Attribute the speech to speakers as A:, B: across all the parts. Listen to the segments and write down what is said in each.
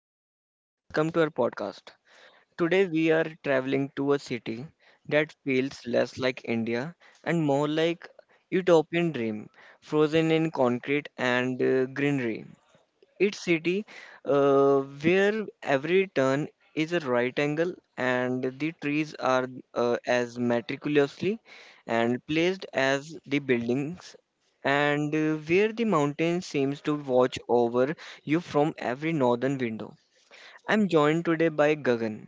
A: everyone, welcome to our podcast. Today we are traveling to a city that feels less like India and more like utopian dream, frozen in concrete and greenery. It's city uh, where every turn is a right angle and the trees are as meticulously and placed as the buildings and where the mountain seems to watch over you from every northern window. I'm joined today by Gagan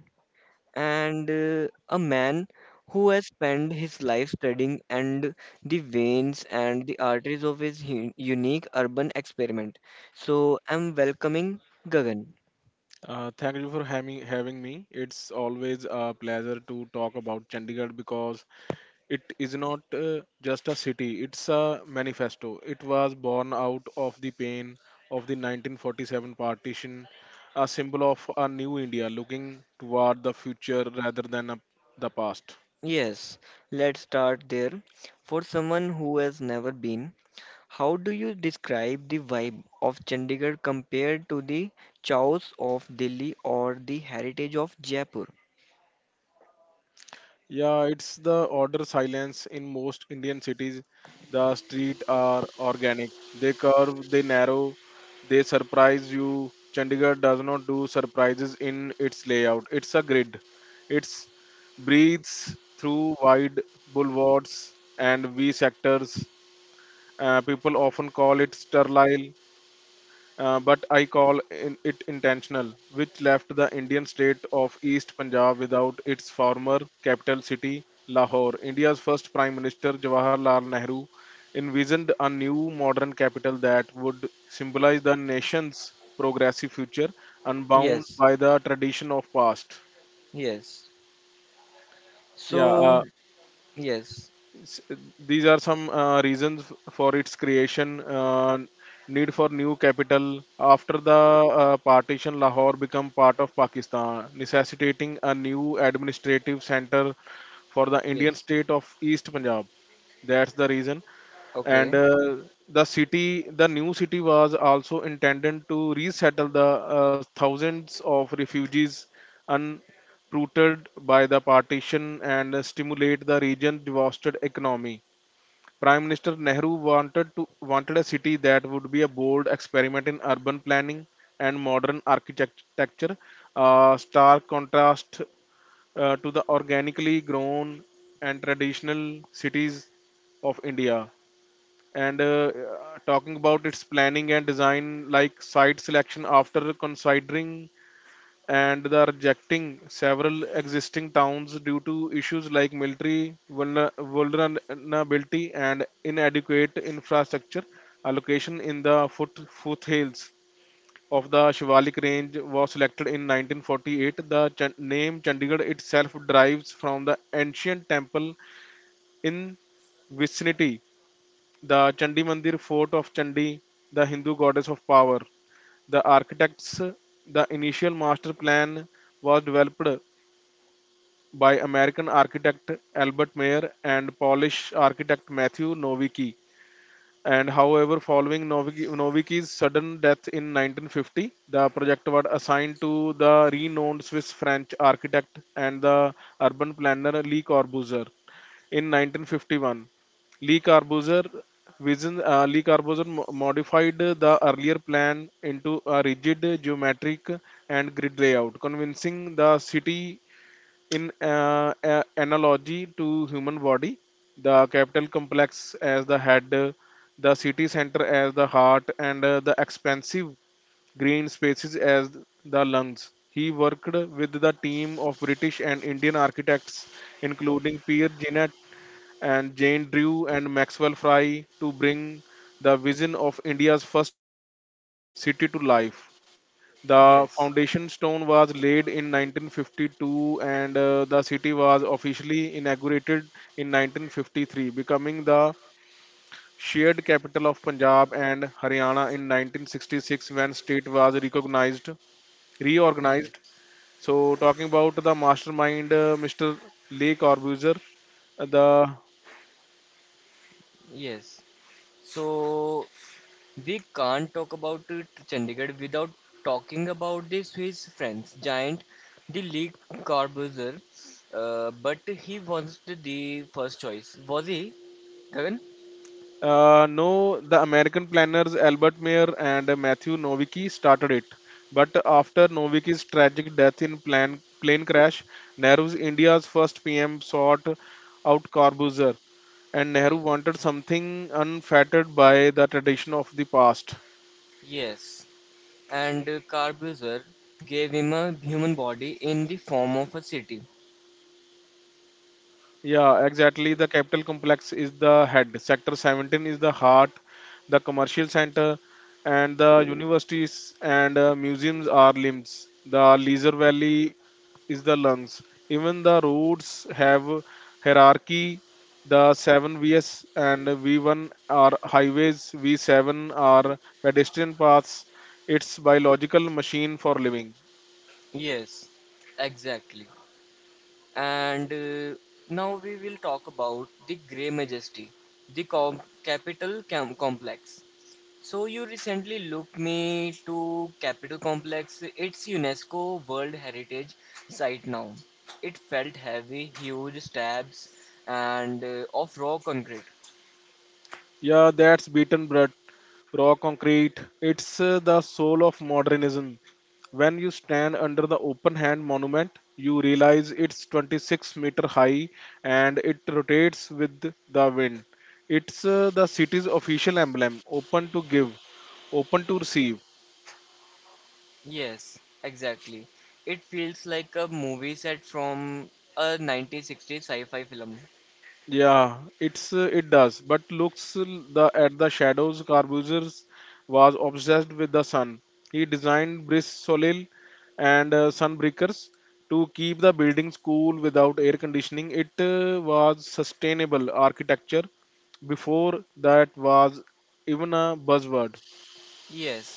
A: and a man who has spent his life studying and the veins and the arteries of his unique urban experiment. So I'm welcoming Gagan.
B: Thank you for having me. It's always a pleasure to talk about Chandigarh because it is not just a city; it's a manifesto. It was born out of the pain of the 1947 partition, a symbol of a new India looking toward the future rather than the past.
A: Yes, let's start there. For someone who has never been, how do you describe the vibe of Chandigarh compared to the chaos of Delhi or the heritage of Jaipur?
B: Yeah, it's the order silence in most Indian cities. The streets are organic. They curve, they narrow, they surprise you. Chandigarh does not do surprises in its layout. It's a grid. It's breathes through wide boulevards and V sectors. People often call it sterile, but I call in it intentional, which left the Indian state of East Punjab without its former capital city, Lahore. India's first Prime Minister, Jawaharlal Nehru, envisioned a new modern capital that would symbolize the nation's progressive future, unbound
A: Yes,
B: by the tradition of past.
A: yes.
B: Yeah,
A: So, yes,
B: S- these are some reasons for its creation. Need for new capital after the partition. Lahore became part of Pakistan, necessitating a new administrative center for the Indian
A: yes.
B: state of East Punjab. That's the reason. and
A: Okay,
B: uh, the city the new city was also intended to resettle the thousands of refugees uprooted by the partition and stimulate the region's devastated economy. Prime Minister Nehru wanted a city that would be a bold experiment in urban planning and modern architecture, a stark contrast to the organically grown and traditional cities of India. And Talking about its planning and design, like site selection after considering and they are rejecting several existing towns due to issues like military vulnerability and inadequate infrastructure. A location in the foothills of the Shivalik range was selected in 1948. The name Chandigarh itself derives from the ancient temple in vicinity, the Chandi Mandir fort of Chandi, the Hindu goddess of power. The architects, the initial master plan was developed by American architect Albert Mayer and Polish architect Matthew Nowicki. And however, following Nowicki's sudden death in 1950, the project was assigned to the renowned Swiss French architect and the urban planner Le Corbusier. In 1951, Le Corbusier Le Corbusier modified the earlier plan into a rigid geometric and grid layout, convincing the city in analogy to human body, the capital complex as the head, the city center as the heart, and the expansive green spaces as the lungs. He worked with the team of British and Indian architects, including Pierre Genet and Jane Drew and Maxwell Fry, to bring the vision of India's first planned city to life.
A: yes.
B: The foundation stone was laid in 1952, and the city was officially inaugurated in 1953, becoming the shared capital of Punjab and Haryana in 1966 when state was
A: Yes,
B: reorganized. So talking about the mastermind, Mr. Le Corbusier. The
A: yes. So we can't talk about it, Chandigarh without talking about the Swiss French giant, the Le Corbusier. But he wasn't the first choice, was he, Gagan?
B: No, the American planners Albert Mayer and Matthew Nowicki started it. But after Nowicki's tragic death in plane crash, Nehru's India's first PM sought out Corbuzier, and Nehru
A: Yes.
B: wanted something unfettered by the tradition of the past.
A: Yes. And Corbusier gave him a human body in the form of a city.
B: Yeah, exactly. The capital complex is the head. Sector 17 is the heart. The commercial center and the universities and museums are limbs. The Leisure Valley is the lungs. Even the roots have hierarchy. The seven Vs and V1 are highways, V7 are pedestrian paths. It's biological machine for living.
A: Yes, exactly. And now we will talk about the Grey Majesty, the capital complex. So you recently looked me to Capitol Complex. It's UNESCO World Heritage Site now. It felt heavy, huge slabs and of raw concrete.
B: Yeah, that's beaten bread, raw concrete. It's the soul of modernism. When you stand under the open hand monument, you realize it's 26-meter high and it rotates with the wind. It's the city's official emblem, open to give, open to receive.
A: Yes, exactly. It feels like a movie set from a 1960s sci-fi film.
B: Yeah, it does, but looks l- the at the shadows. Carbusers was obsessed with the sun. He designed bris solil and sunbreakers to keep the buildings cool without air conditioning. It was sustainable architecture before that was even a buzzword.
A: Yes.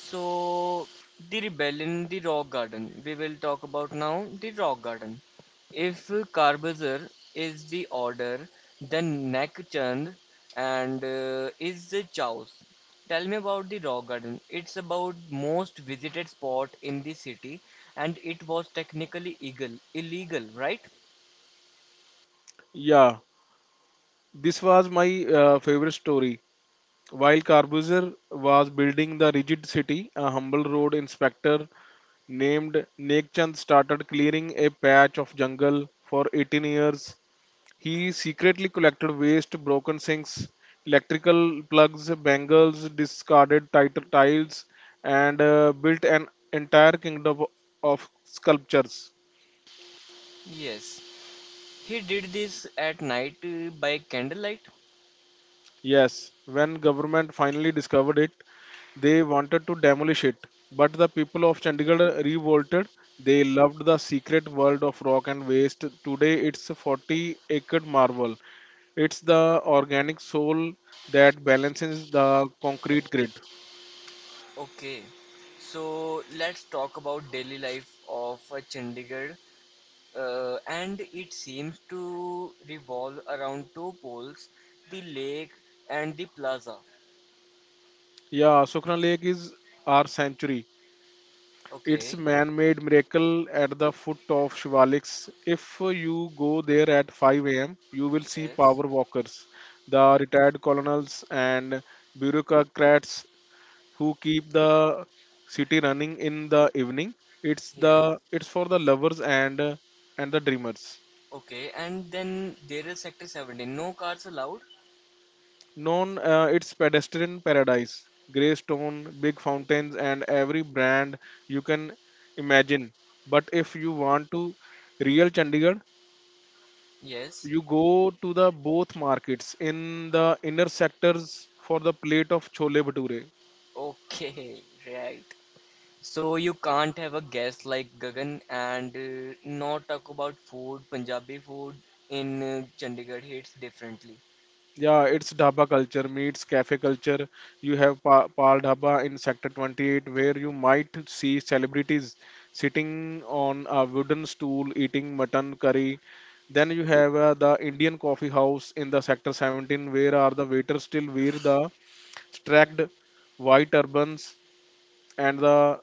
A: So the rebellion, the rock garden. We will talk about now the rock garden. If Karbazar is the order, then Nakchand and is the Chaos. Tell me about the Raw Garden. It's about most visited spot in the city, and it was technically illegal, right?
B: Yeah, this was my favorite story. While Corbusier was building the rigid city, a humble road inspector named Nekchand started clearing a patch of jungle for 18 years. He secretly collected waste, broken sinks, electrical plugs, bangles, discarded tiles, and built an entire kingdom of sculptures.
A: Yes, he did this at night by candlelight.
B: Yes, when government finally discovered it, they wanted to demolish it, but the people of Chandigarh revolted. They loved the secret world of rock and waste. Today, it's a 40-acre marvel. It's the organic soul that balances the concrete grid.
A: Okay, so let's talk about daily life of Chandigarh, and it seems to revolve around two poles, the lake and the plaza.
B: Yeah, Sukhna Lake is our sanctuary. It's
A: Okay.
B: man-made miracle at the foot of Shivaliks. If you go there at 5 a.m., you will see
A: Yes.
B: power walkers, the
A: ye-
B: retired colonels and bureaucrats who keep the city running in the evening.
A: yes.
B: It's for the lovers and the dreamers.
A: Okay, and then there is sector 17, no cars allowed.
B: Known its pedestrian paradise, grey stone, big fountains, and every brand you can imagine. But if you want to real Chandigarh,
A: Yes.
B: you go to the both markets in the inner sectors for the plate of chole bhature.
A: Okay. Right, so you can't have a guest like Gagan and not talk about food. Punjabi food in Chandigarh hits differently.
B: Yeah, it's dhaba culture meets cafe culture. You have Pal Dhaba in Sector 28, where you might see celebrities sitting on a wooden stool eating mutton curry. Then you have the Indian coffee house in the Sector 17, where are the waiters still wear the striped white turbans and the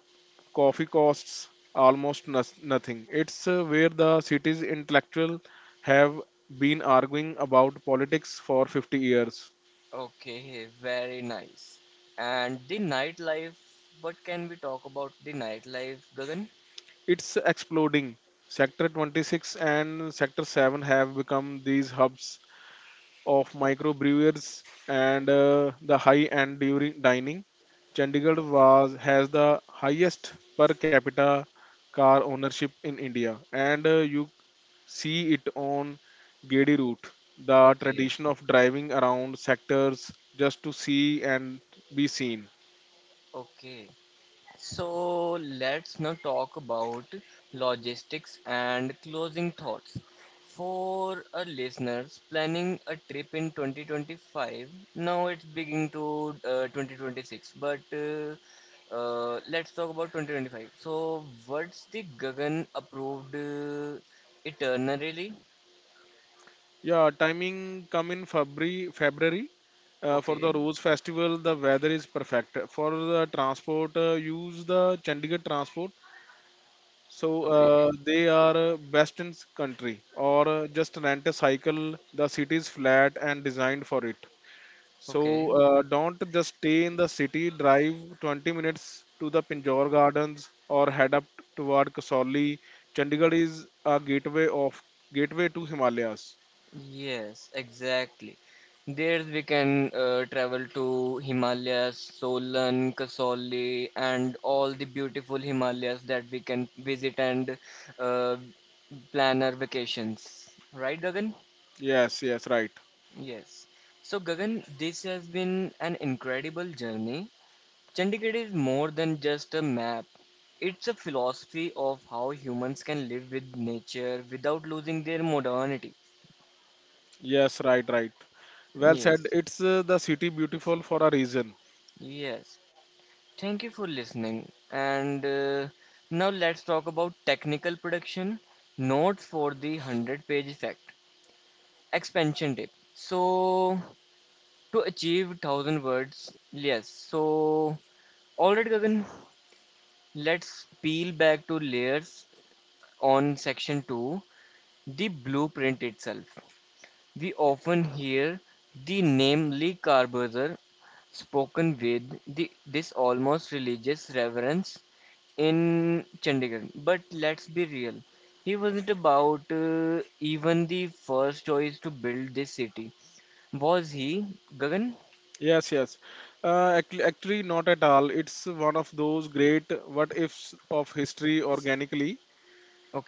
B: coffee costs almost nothing. It's where the city's intellectual have been arguing about politics for 50 years.
A: Okay, very nice. And the nightlife, what can we talk about the nightlife, Gagan?
B: It's exploding. Sector 26 and Sector 7 have become these hubs of microbrewers and the high-end during dining. Chandigarh was has the highest per capita car ownership in India, and you see it on Gedi route. The
A: Okay,
B: tradition of driving around sectors just to see and be seen.
A: okay. So let's now talk about logistics and closing thoughts. For our listeners planning a trip in 2025, now it's beginning to 2026, but let's talk about 2025. So, what's the Gagan approved itinerary?
B: Yeah, timing come in February. For the
A: Okay,
B: Rose Festival, the weather is perfect. For the transport, use the Chandigarh transport. So
A: okay,
B: uh, they are best in country. Or just rent a cycle. The city is flat and designed for it.
A: okay.
B: So don't just stay in the city. Drive 20 minutes to the Pinjore Gardens or head up toward Kasauli. Chandigarh is a gateway to Himalayas.
A: Yes, exactly. There we can travel to Himalayas, Solan, Kasauli, and all the beautiful Himalayas that we can visit and uh, plan our vacations. Right, Gagan?
B: Yes, yes, right.
A: Yes. So, Gagan, this has been an incredible journey. Chandigarh is more than just a map. It's a philosophy of how humans can live with nature without losing their modernity.
B: Yes, right, right. Well said.
A: Yes,
B: It's the city beautiful for a reason.
A: yes. Thank you for listening. And now let's talk about technical production. Notes for the 100-page effect. Expansion tip. So, to achieve 1,000 words, yes. So, alright, Gagan, let's peel back to layers on section 2, the blueprint itself. We often hear the name Lee Carberger spoken with this almost religious reverence in Chandigarh. But let's be real, he wasn't about even the first choice to build this city. Was he, Gagan?
B: Yes, yes. Actually, not at all. It's one of those great what ifs of history organically.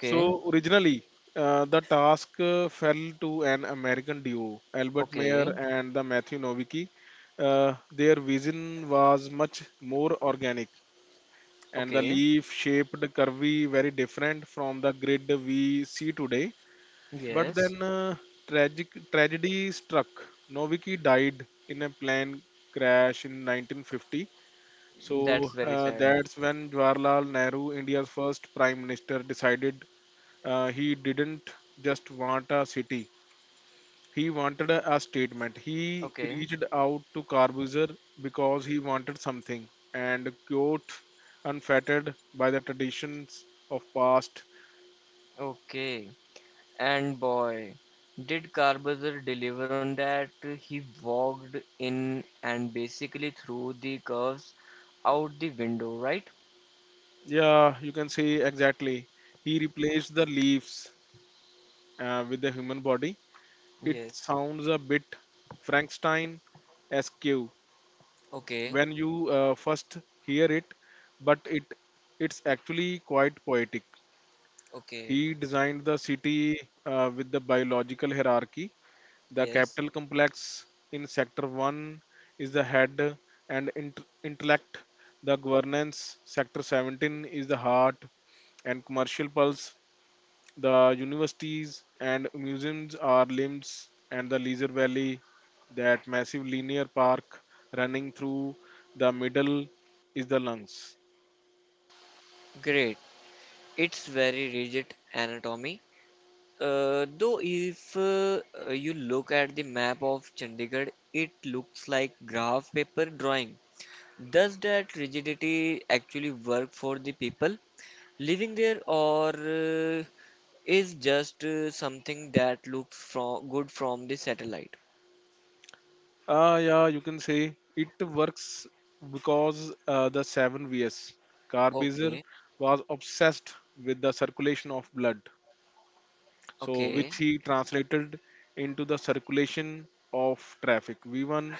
B: So, originally, the task fell to an American duo, Albert Mayer
A: okay,
B: and the Matthew Nowicki. Their vision was much more organic, and the
A: okay,
B: leaf shaped curvy, very different from the grid we see today. But
A: yes,
B: then tragic tragedy struck. Novicki died in a plane crash in 1950. So
A: that's very
B: uh,
A: sad.
B: that's when Jawaharlal Nehru, India's first prime minister, decided. He didn't just want a city. He wanted a statement. He
A: Okay,
B: reached out to Corbusier because he wanted something. And quote, unfettered by the traditions of past.
A: okay. And boy, did Carbazer deliver on that. He walked in and basically threw the curves out the window, right?
B: Yeah, you can say exactly. He replaced the leaves with the human body. It
A: Yes.
B: sounds a bit Frankenstein esque
A: Okay.
B: when you first hear it, but it's actually quite poetic.
A: Okay.
B: He designed the city with the biological hierarchy. The
A: Yes.
B: capital complex in sector 1 is the head and intellect. The governance sector 17 is the heart and commercial pulse. The universities and museums are limbs, and the Leisure Valley, that massive linear park running through the middle, is the lungs.
A: Great. It's very rigid anatomy. Though if you look at the map of Chandigarh, it looks like graph paper drawing. Does that rigidity actually work for the people living there, or is just something that looks from good from the satellite.
B: Ah, yeah, you can say it works because the 7Vs. Carbazer
A: Okay,
B: was obsessed with the circulation of blood, so
A: okay,
B: which he translated into the circulation of traffic. V1,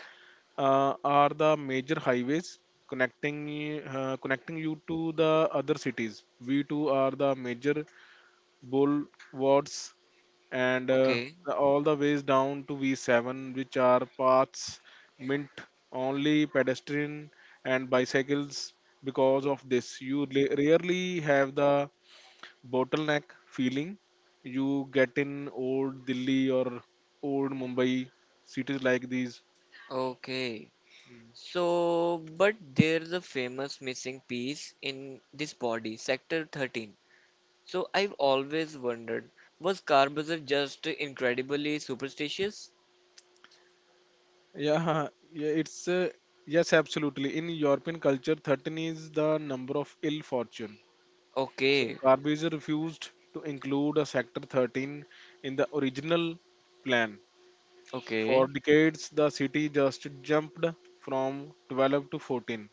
B: are the major highways connecting you to the other cities. We two are the major bulwarks, and
A: okay,
B: all the ways down to V7, which are paths meant only pedestrian and bicycles. Because of this, you rarely have the bottleneck feeling you get in old Delhi or old Mumbai cities like these.
A: okay.
B: Hmm.
A: So, but there's a famous missing piece in this body, Sector 13. So, I've always wondered, was Corbusier just incredibly superstitious?
B: Yeah, yeah, it's yes, absolutely. In European culture, 13 is the number of ill fortune. So
A: Okay,
B: Garbage refused to include a sector 13 in the original plan. For
A: okay,
B: decades, the city just jumped from 12 to 14.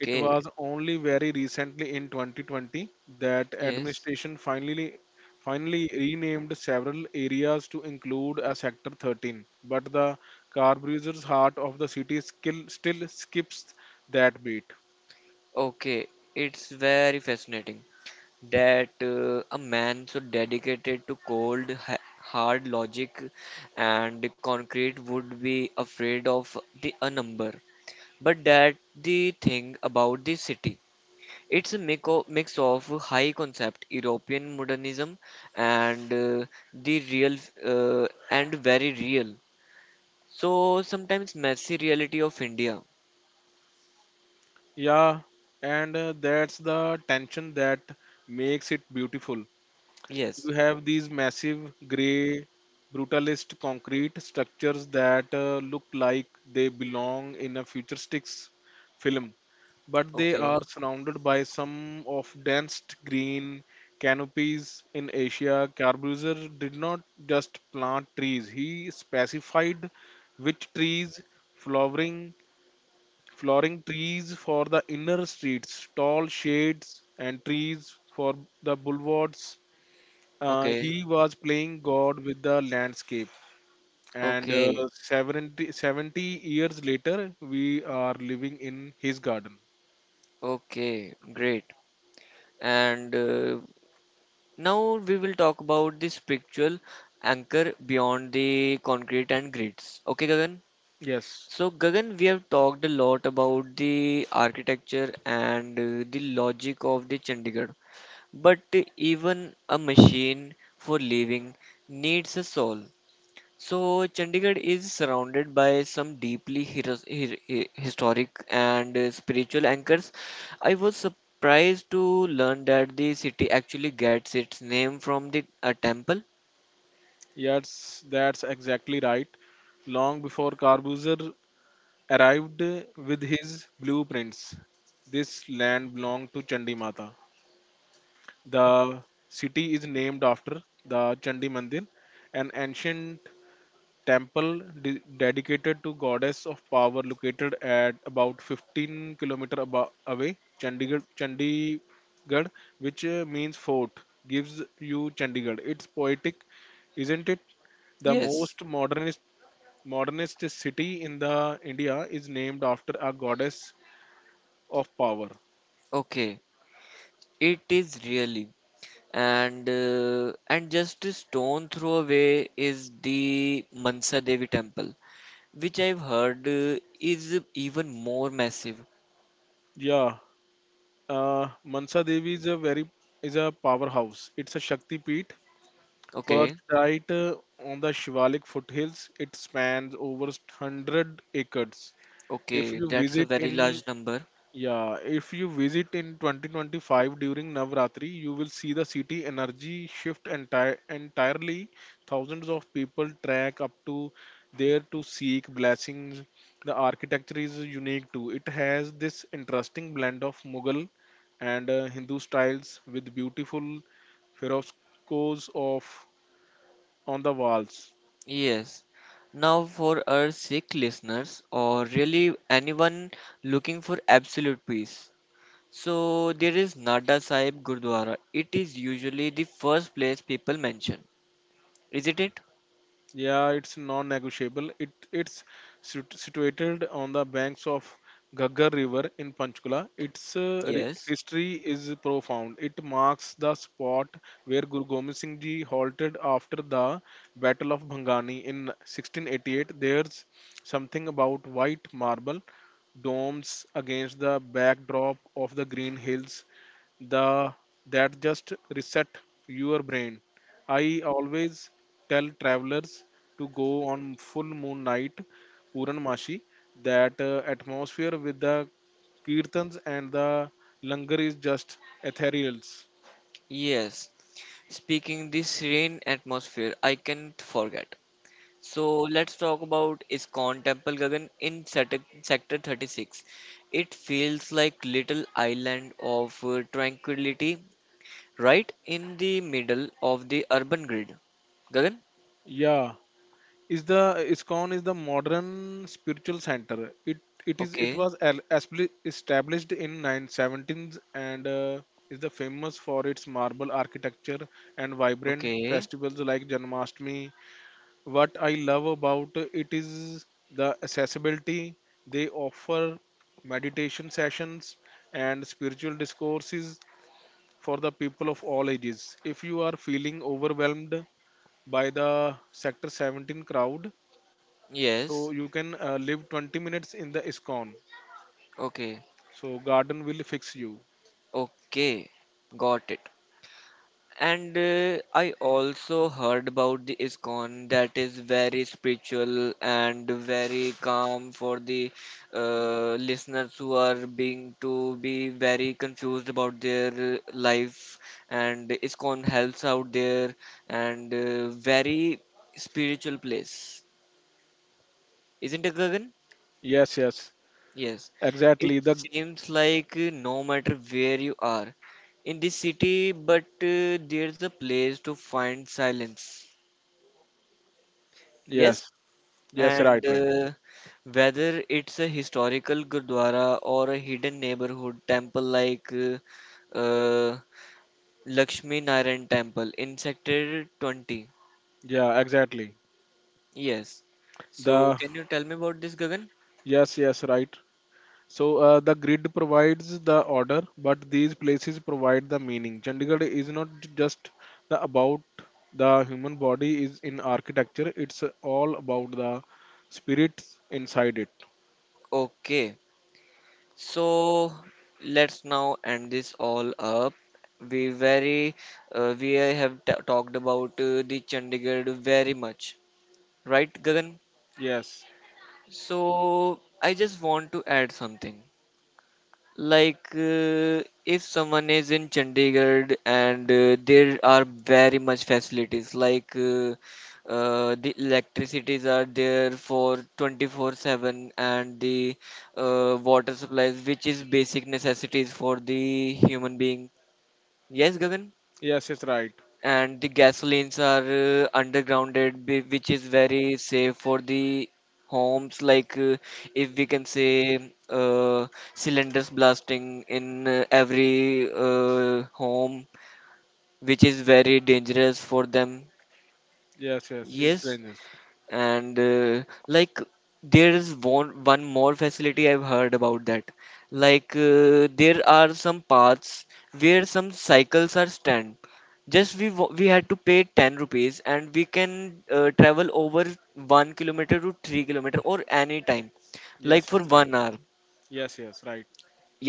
B: It was only very recently in 2020 that
A: yes,
B: administration finally renamed several areas to include a sector 13, but the car bruiser's heart of the city still skips that beat.
A: okay. It's very fascinating. That a man so dedicated to cold, hard logic and the concrete would be afraid of the a number. But that the thing about the city. It's a mix of high concept European modernism and the real and very real. So sometimes messy reality of India.
B: Yeah, and that's the tension that makes it beautiful.
A: Yes.
B: You have these massive gray brutalist concrete structures that look like they belong in a futuristic film, but they
A: Okay.
B: are surrounded by some of densest green canopies in Asia. Carbuser did not just plant trees. He specified which trees, flowering flowering trees for the inner streets, tall shades and trees for the boulevards.
A: Okay.
B: He was playing God with the landscape, and uh,
A: Okay.
B: 70, seventy years later, we are living in his garden.
A: Okay. Great. And now we will talk about the spiritual anchor beyond the concrete and grids. Okay, Gagan.
B: Yes,
A: So, Gagan, we have talked a lot about the architecture and the logic of the Chandigarh, but even a machine for living needs a soul. So Chandigarh is surrounded by some deeply historic and spiritual anchors. I was surprised to learn that the city actually gets its name from the a temple.
B: yes, that's exactly right. Long before Carbuzer arrived with his blueprints, this land belonged to Chandi Mata. The city is named after the Chandi Mandir, an ancient temple dedicated to goddess of power located at about 15 kilometer away. Chandigarh, which means fort, gives you Chandigarh. It's poetic, isn't it? The
A: Yes,
B: most modernist city in the India is named after a goddess of power.
A: okay, it is really. And just a stone throw away is the Mansa Devi temple, which I've heard is even more massive.
B: Yeah. uh, Mansa Devi is a powerhouse. It's a Shakti Peeth.
A: Okay,
B: Perched uh, on the Shivalik foothills, it spans over 100 acres. If
A: okay,
B: you
A: that's a
B: visit
A: very
B: in
A: large number.
B: Yeah, if you visit in 2025 during Navratri, you will see the city energy shift entirely. Thousands of people trek up to there to seek blessings. The architecture is unique too. It has this interesting blend of Mughal and Hindu styles with beautiful frescoes of on the walls.
A: Yes. Now, for our Sikh listeners, or really anyone looking for absolute peace, so there is Nada Sahib Gurdwara. It is usually the first place people mention, isn't it?
B: Yeah, it's non-negotiable. It's situated on the banks of Ghaggar River in Panchkula. Its
A: Yes.
B: history is profound. It marks the spot where Guru Gobind Singh Ji halted after the Battle of Bhangani in 1688. There's something about white marble domes against the backdrop of the green hills the that just reset your brain. I always tell travelers to go on full moon night, Puranmashi. That atmosphere with the kirtans and the langar is just ethereal.
A: Yes. Speaking the serene atmosphere, I can't forget. So let's talk about ISKCON Temple Gagan in Sector 36. It feels like little island of tranquility right in the middle of the urban grid. Gagan?
B: Yeah, is the ISKCON is the modern spiritual center. It is it
A: Okay.
B: was established in 1917s, and is the famous for its marble architecture and vibrant
A: Okay.
B: festivals like Janmashtami. What I love about it is the accessibility. They offer meditation sessions and spiritual discourses for the people of all ages. If you are feeling overwhelmed by the Sector 17 crowd,
A: Yes.
B: so you can live 20 minutes in the ISKCON.
A: Okay.
B: So garden will fix you.
A: Okay. Got it. And I also heard about the ISKCON that is very spiritual and very calm for the listeners who are being to be very confused about their life. And ISKCON helps out there and very spiritual place. Isn't it, Gagan?
B: Yes, yes,
A: Yes. It
B: exactly. The
A: seems like no matter where you are in this city, but there's a place to find silence. Yes?
B: Yes, yes, right,
A: And
B: right.
A: whether it's a historical gurdwara or a hidden neighborhood temple like uh, Lakshmi Narayan Temple in Sector 20.
B: Yeah, exactly.
A: Yes. So,
B: The
A: can you tell me about this, Gagan?
B: Yes, yes, right. So the grid provides the order, but these places provide the meaning. Chandigarh is not just the about the human body is in architecture. It's all about the spirits inside it.
A: Okay. So let's now end this all up. We very we have talked about the Chandigarh very much, right, Gagan?
B: Yes,
A: So I just want to add something. Like, if someone is in Chandigarh and there are very much facilities, like the electricities are there for 24/7 and the water supplies, which is basic necessities for the human being. Yes, Gagan?
B: yes, yes, right.
A: And the gasolines are undergrounded, which is very safe for the homes like if we can say cylinders blasting in every home, which is very dangerous for them.
B: Yes, yes, it's
A: Yes.
B: dangerous.
A: And like there is one more facility I've heard about that. Like there are some paths where some cycles are stand. Just we we had to pay 10 rupees and we can travel over 1 kilometer to 3 kilometer or any time, like
B: Yes,
A: for
B: it's right.
A: 1 hour.
B: Yes, yes, right.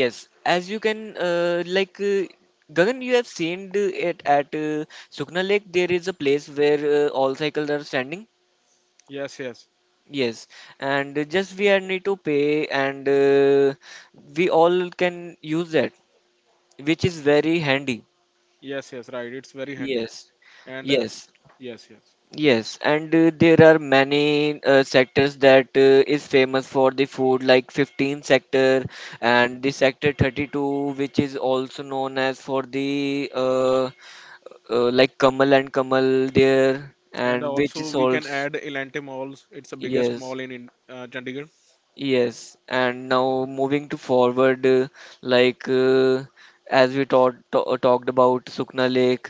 A: Yes, as you can like Gagan, you have seen it at Sukna Lake there is a place where all cycles are standing.
B: Yes, yes,
A: Yes, and just we are need to pay, and we all can use that, which is very handy.
B: yes, yes, right. It's very handy.
A: Yes,
B: And
A: yes,
B: Yes, yes.
A: yes, and there are many sectors that is famous for the food, like 15 sector
B: Mm.
A: and the sector 32, which is also known as for the like Kamal and Kamal there,
B: And
A: and which
B: also
A: is
B: we can
A: also
B: add Elante Malls. It's the biggest
A: yes.
B: mall in Chandigarh.
A: Yes, and now moving to forward, like as we taught, talked about Sukna Lake,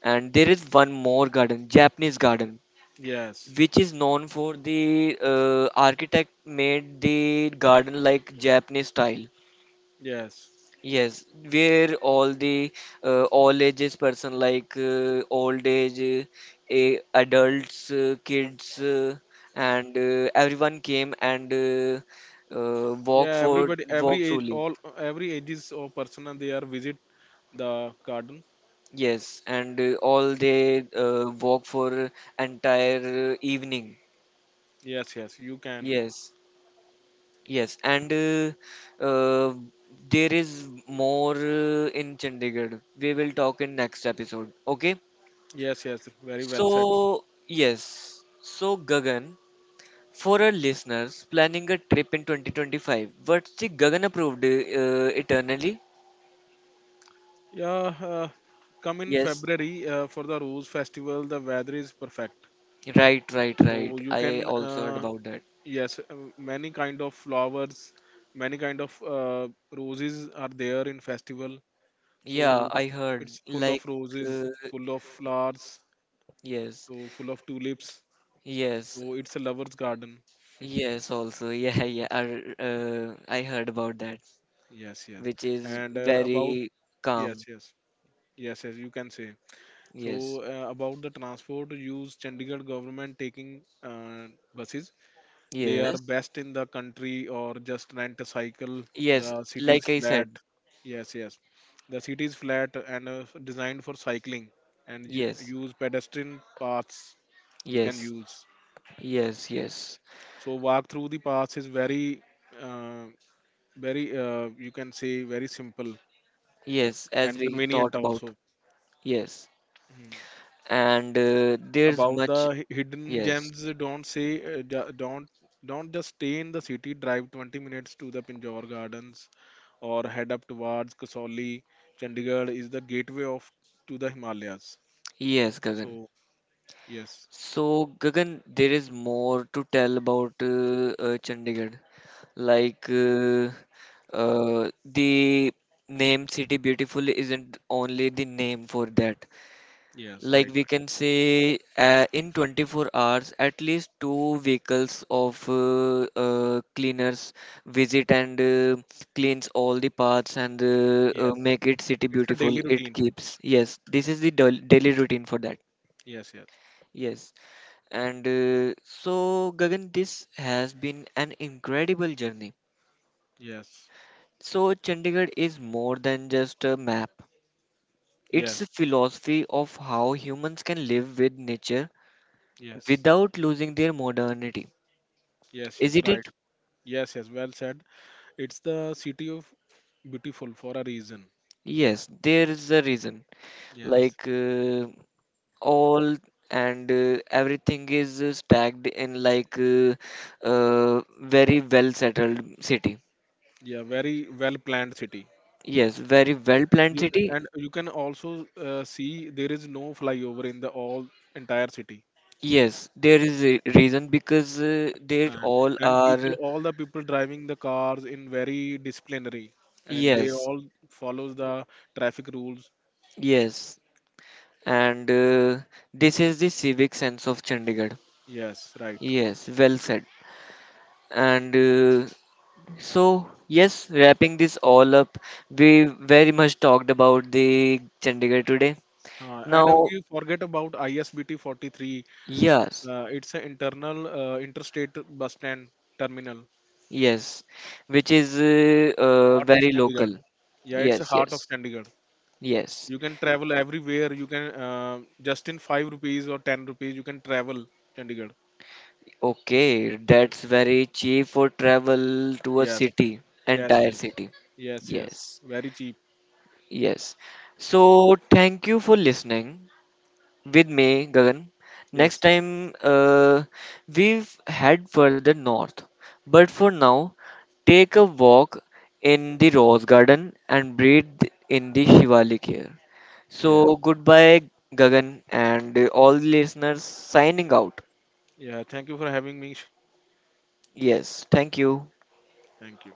A: and there is one more garden, Japanese garden,
B: Yes,
A: which is known for the architect made the garden like Japanese style.
B: yes.
A: Yes, where all the all ages person like old age, adults, kids,
B: Mm.
A: and everyone came and walk
B: Yeah,
A: for
B: everybody, every
A: walk
B: age,
A: truly.
B: all every ages of person and they are visit the garden.
A: Yes, and all they walk for entire evening.
B: Yes, yes, you can.
A: Yes, yes, and there is more in Chandigarh. We will talk in next episode. Okay.
B: Yes, yes, very well said.
A: So, yes. So, Gagan, for our listeners planning a trip in 2025, what's the Gagan approved eternally?
B: Yeah, uh, Come in
A: Yes.
B: February for the Rose Festival. The weather is perfect,
A: Right, right,
B: so
A: right.
B: you
A: I
B: can
A: also heard about that.
B: Yes, many kind of flowers, many kind of roses are there in festival.
A: Yeah,
B: So
A: I heard.
B: it's full of
A: Like,
B: roses, full of flowers,
A: yes,
B: so full of tulips.
A: yes,
B: So it's a lover's garden.
A: yes, also. Yeah, yeah. I heard about that,
B: Yes, yes.
A: which is
B: And about
A: very
B: Yes,
A: calm.
B: yes, yes, yes. You can say. So
A: Yes,
B: uh, about the transport use, Chandigarh government taking buses. They are
A: yes,
B: best in the country, or just rent a cycle.
A: yes.
B: The city is
A: Like I
B: flat.
A: said,
B: Yes, yes. The city is flat and designed for cycling and you
A: yes,
B: use pedestrian paths, you can
A: yes,
B: use.
A: yes, yes.
B: So walk through the paths is uh, very, you can say very simple
A: Yes, as
B: and
A: we
B: convenient
A: thought about.
B: also.
A: Yes.
B: Mm.
A: And there's
B: About
A: much.
B: the hidden
A: Yes.
B: gems, don't say, uh, ju- don't don't just stay in the city. Drive 20 minutes to the Pinjore Gardens or head up towards Kasauli. Chandigarh is the gateway of to the Himalayas.
A: Yes, Gagan.
B: So yes,
A: So, Gagan, there is more to tell about Chandigarh. Like, the name City Beautiful isn't only the name for that.
B: yes,
A: Like
B: right,
A: we
B: right.
A: can say, in 24 hours, at least two vehicles of cleaners visit and cleans all the paths and
B: Yes,
A: make it city
B: it's a
A: beautiful.
B: daily
A: It
B: routine.
A: keeps. Yes, this is the daily routine for that.
B: Yes, yes,
A: Yes, and so Gagan, this has been an incredible journey.
B: yes,
A: So Chandigarh is more than just a map. It's
B: yes,
A: a philosophy of how humans can live with nature
B: yes,
A: without losing their modernity.
B: yes, yes,
A: Isn't
B: right.
A: it?
B: Yes, yes, well said. It's the city of beautiful for a reason.
A: Yes, there is a reason.
B: Yes,
A: Like all and everything is stacked in like very well settled city.
B: yeah, very well planned city.
A: Yes, very well planned
B: You,
A: city.
B: and you can also see there is no flyover in the all entire city.
A: Yes, there is a reason because they
B: Uh,
A: all
B: and people,
A: are.
B: all the people driving the cars in very disciplinary, and they
A: Yes,
B: all follows the traffic rules.
A: yes, and this is the civic sense of Chandigarh.
B: Yes right
A: Yes, well said. And so, yes, wrapping this all up, we very much talked about the Chandigarh today.
B: and
A: Now,
B: We forget about ISBT 43.
A: yes,
B: It's an internal interstate bus stand terminal,
A: yes, which is
B: heart of
A: very
B: Chandigarh.
A: local.
B: Yeah, it's a
A: Yes,
B: heart of
A: yes,
B: Chandigarh.
A: yes.
B: You can travel everywhere. You can just in 5 rupees or 10 rupees you can travel Chandigarh.
A: Okay,
B: Mm.
A: that's very cheap for travel to a
B: Yes,
A: city,
B: yes,
A: entire
B: yes,
A: city.
B: yes, yes.
A: Yes,
B: Very cheap.
A: yes. So, thank you for listening. With me, Gagan. Next
B: Yes,
A: time, we've head further north. But for now, take a walk in the rose garden and breathe in the Shivalik air.
B: yes.
A: So, goodbye, Gagan, and all the listeners signing out.
B: Yeah, thank you for having me.
A: Yes, thank you.
B: Thank you.